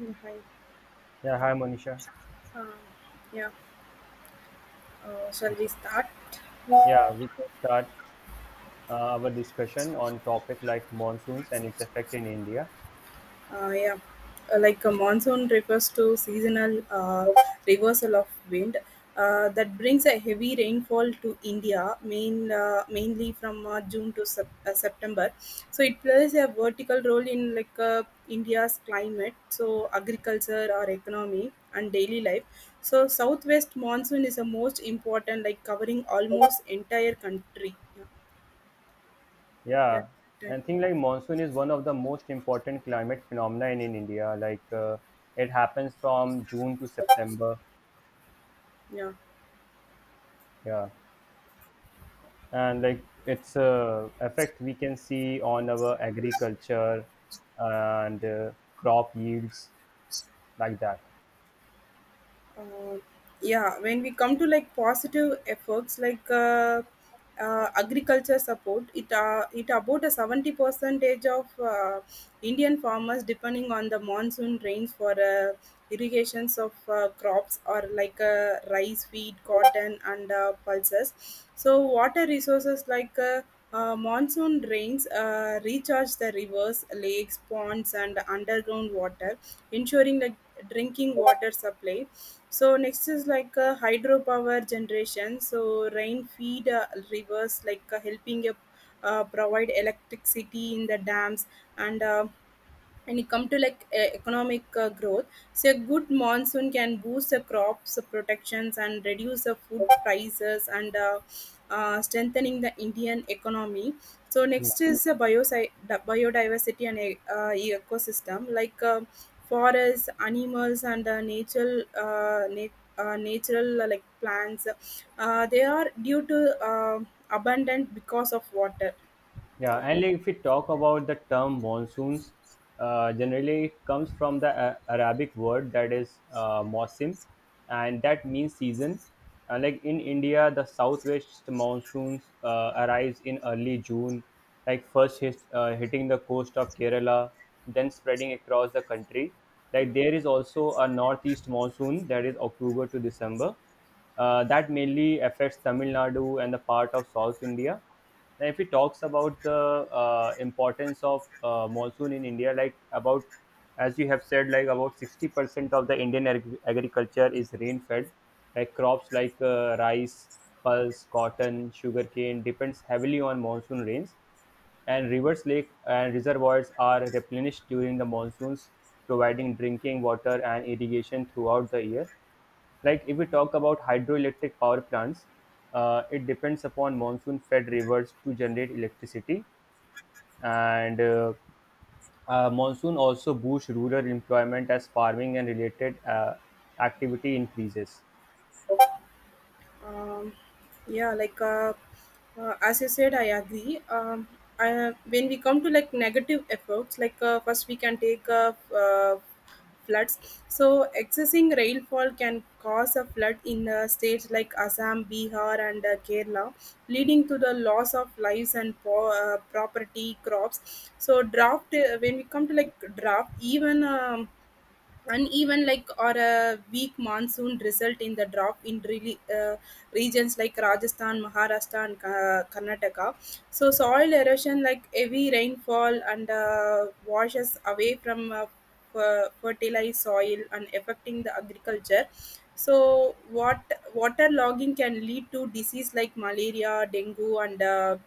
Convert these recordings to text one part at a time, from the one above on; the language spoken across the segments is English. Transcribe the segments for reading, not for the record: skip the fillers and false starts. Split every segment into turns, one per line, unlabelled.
Mm, Hi.
Yeah, hi Monisha.
Um, yeah. Shall we start?
Yeah,
Uh,
we can start our discussion on topic like monsoons and its effect in India.
yeah. Like a monsoon refers to seasonal reversal of wind that brings a heavy rainfall to India, mainly from June to September. So it plays a vertical role in like India's climate, so agriculture or economy and daily life. So southwest monsoon is the most important, like covering almost entire country. Yeah. Yeah,
Yeah,
right.
and thing like monsoon is one of the most important climate phenomena in India. Like it happens from June to September.
Yeah,
Yeah, and like its effect we can see on our agriculture and crop yields like that.
uh, yeah, when we come to like positive efforts like agriculture support it it about a 70 percentage of indian farmers depending on the monsoon rains for irrigations of crops or like rice wheat cotton and pulses. So water resources like monsoon rains recharge the rivers lakes ponds and underground water ensuring like drinking water supply. So next is like a hydropower generation. So rain feed rivers like helping provide electricity in the dams. And uh, and you come to like economic growth. So a good monsoon can boost the crops protections and reduce the food prices and strengthening the indian economy. So
Yeah.
next is the biodiversity and ecosystem like forests, animals, and natural like plants. They are due to abundant because of water.
Yeah, and like if we talk about the term monsoons, generally it comes from the Arabic word that is mausim, and that means season. Like in India, the southwest monsoons arrives in early June, like hitting the coast of Kerala, then spreading across the country. Like there is also a northeast monsoon that is October to December, that mainly affects Tamil Nadu and the part of South India. And if he talks about the importance of monsoon in India, like about as you have said, like about 60% of the Indian agriculture is rain-fed. Like crops like rice, pulse, cotton, sugarcane depends heavily on monsoon rains, and rivers, lake, and reservoirs are replenished during the monsoons, providing drinking water and irrigation throughout the year. Like if we talk about hydroelectric power plants, it depends upon monsoon fed rivers to generate electricity, and monsoon also boosts rural employment as farming and related activity increases.
um, yeah, like as I said I agree. When we come to like negative efforts like first we can take floods. So excessing rainfall can cause a flood in states like assam bihar and kerala leading to the loss of lives and property crops. So draft. When we come to like draft, even uneven like or a weak monsoon result in the drop in really regions like rajasthan maharashtra and karnataka. So soil erosion like heavy rainfall and washes away from fertilized soil and affecting the agriculture. So what water logging can lead to disease like malaria dengue and uh,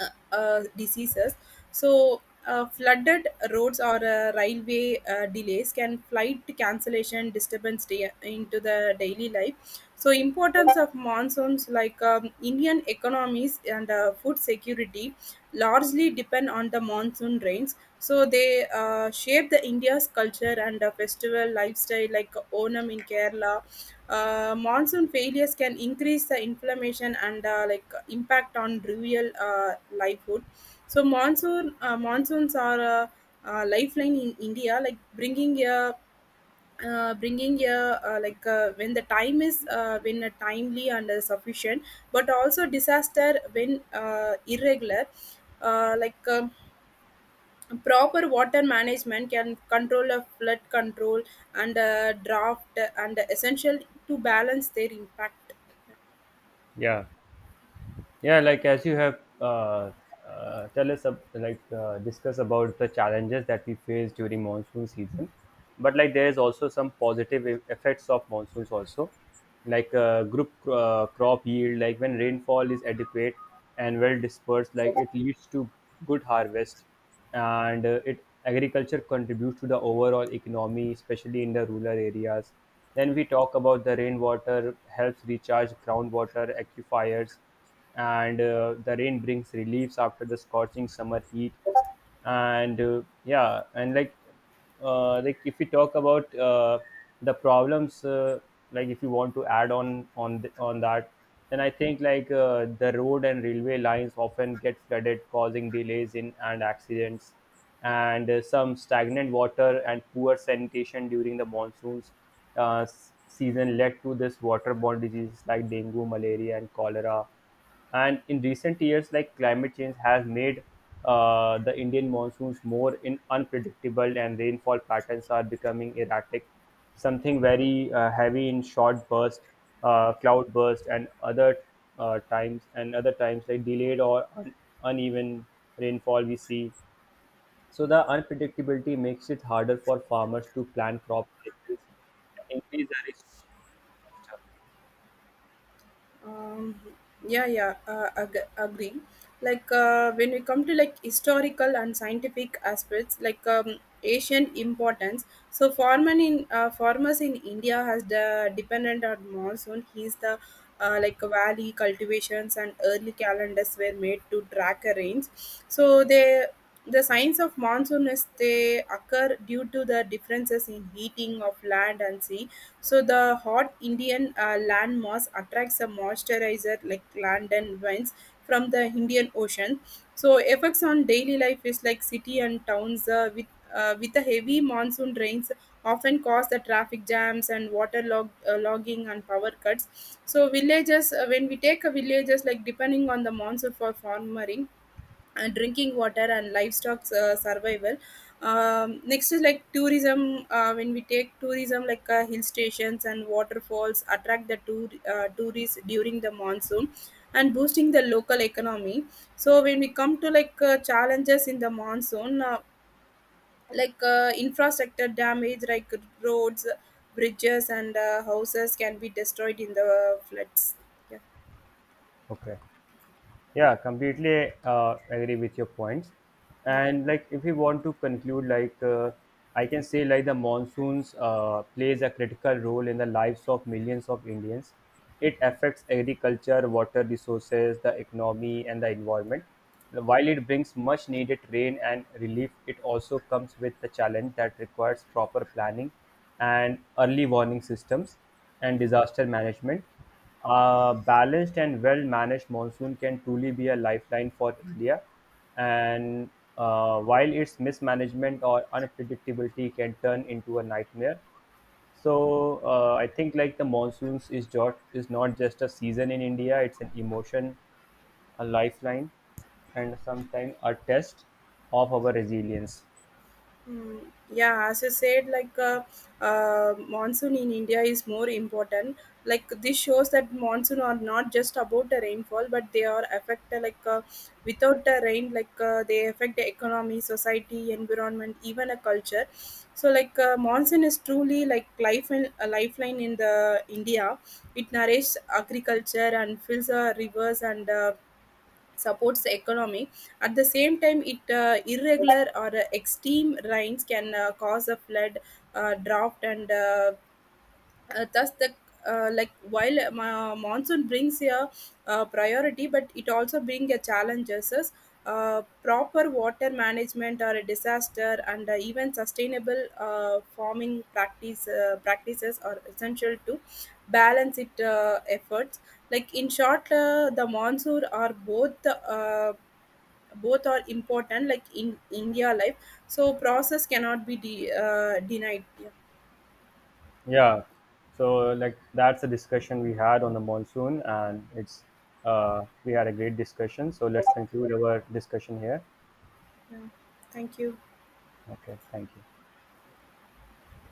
uh, uh, diseases. So, flooded roads or railway delays can flight cancellation disturbance day, into the daily life. So, importance of monsoons like Indian economies and food security largely depend on the monsoon rains. So, they shape the India's culture and festival lifestyle like Onam in Kerala. Monsoon failures can increase the inflammation and like impact on rural livelihood. So monsoons are a, lifeline in India, like bringing a like when the time is when a timely and sufficient, but also disaster when irregular, uh, like. Um, Proper water management can control a flood control and a draft and essential to balance their impact.
Yeah. Yeah, like as you have tell us, like discuss about the challenges that we face during monsoon season, but like there is also some positive effects of monsoons also, like crop yield. Like when rainfall is adequate and well dispersed, like it leads to good harvest, and it agriculture contributes to the overall economy, especially in the rural areas. Then we talk about the rainwater helps recharge groundwater aquifers, and the rain brings relief after the scorching summer heat and yeah and like if we talk about the problems, like if you want to add on on that, then I think like the road and railway lines often get flooded, causing delays in and accidents, and some stagnant water and poor sanitation during the monsoons season led to this waterborne diseases like dengue, malaria, and cholera. And in recent years, like climate change has made the Indian monsoons more in unpredictable, and rainfall patterns are becoming erratic, something very heavy in short burst, cloud burst, and other times, and other times like delayed or uneven rainfall we see. So the unpredictability makes it harder for farmers to plan crop cycles and increase the risk.
Um, yeah, yeah, agree. Like when we come to like historical and scientific aspects, like ancient importance. So farmers in India has the dependent on monsoon. He's the like valley cultivations and early calendars were made to track a rains. So the signs of monsoon is they occur due to the differences in heating of land and sea. So the hot Indian land mass attracts a moisturizer like land and winds from the Indian Ocean. So effects on daily life is like city and towns with the heavy monsoon rains often cause the traffic jams and water logging and power cuts. So villages when we take a villages like depending on the monsoon for farming drinking water and livestock survival. Next is like tourism when we take tourism like hill stations and waterfalls attract the tourists during the monsoon and boosting the local economy. So when we come to like challenges in the monsoon like infrastructure damage like roads bridges and houses can be destroyed in the floods. Yeah,
Okay. Yeah, completely agree with your points.
yeah,
And like, if we want to conclude, I can say like the monsoons plays a critical role in the lives of millions of Indians. It affects agriculture, water resources, the economy, and the environment. While it brings much needed rain and relief, it also comes with the challenge that requires proper planning and early warning systems and
yeah.
disaster management. A balanced and well managed monsoon can truly be a lifeline for India. And while its mismanagement or unpredictability can turn into a nightmare, so I think like the monsoons is not just a season in India; it's an emotion, a lifeline, and sometimes a test of our resilience.
Mm, yeah, as I said, like monsoon in India is more important. Like this shows that monsoon are not just about the rainfall, but they are affect like without the rain, like they affect the economy, society, environment, even a culture. So like monsoon is truly like life and a lifeline in the India. It nourishes agriculture and fills the rivers and supports the economy. At the same time, it irregular or extreme rains can cause a flood, drought, and thus the like while monsoon brings a priority but it also brings a challenges. Proper water management or a disaster and even sustainable farming practices are essential to balance it efforts. Like in short the monsoon are both both are important like in india life. So process cannot be denied. Yeah.
Yeah, so like that's a discussion we had on the monsoon, and it's we had a great discussion. So let's conclude our discussion here.
Yeah, thank you.
Okay, thank you.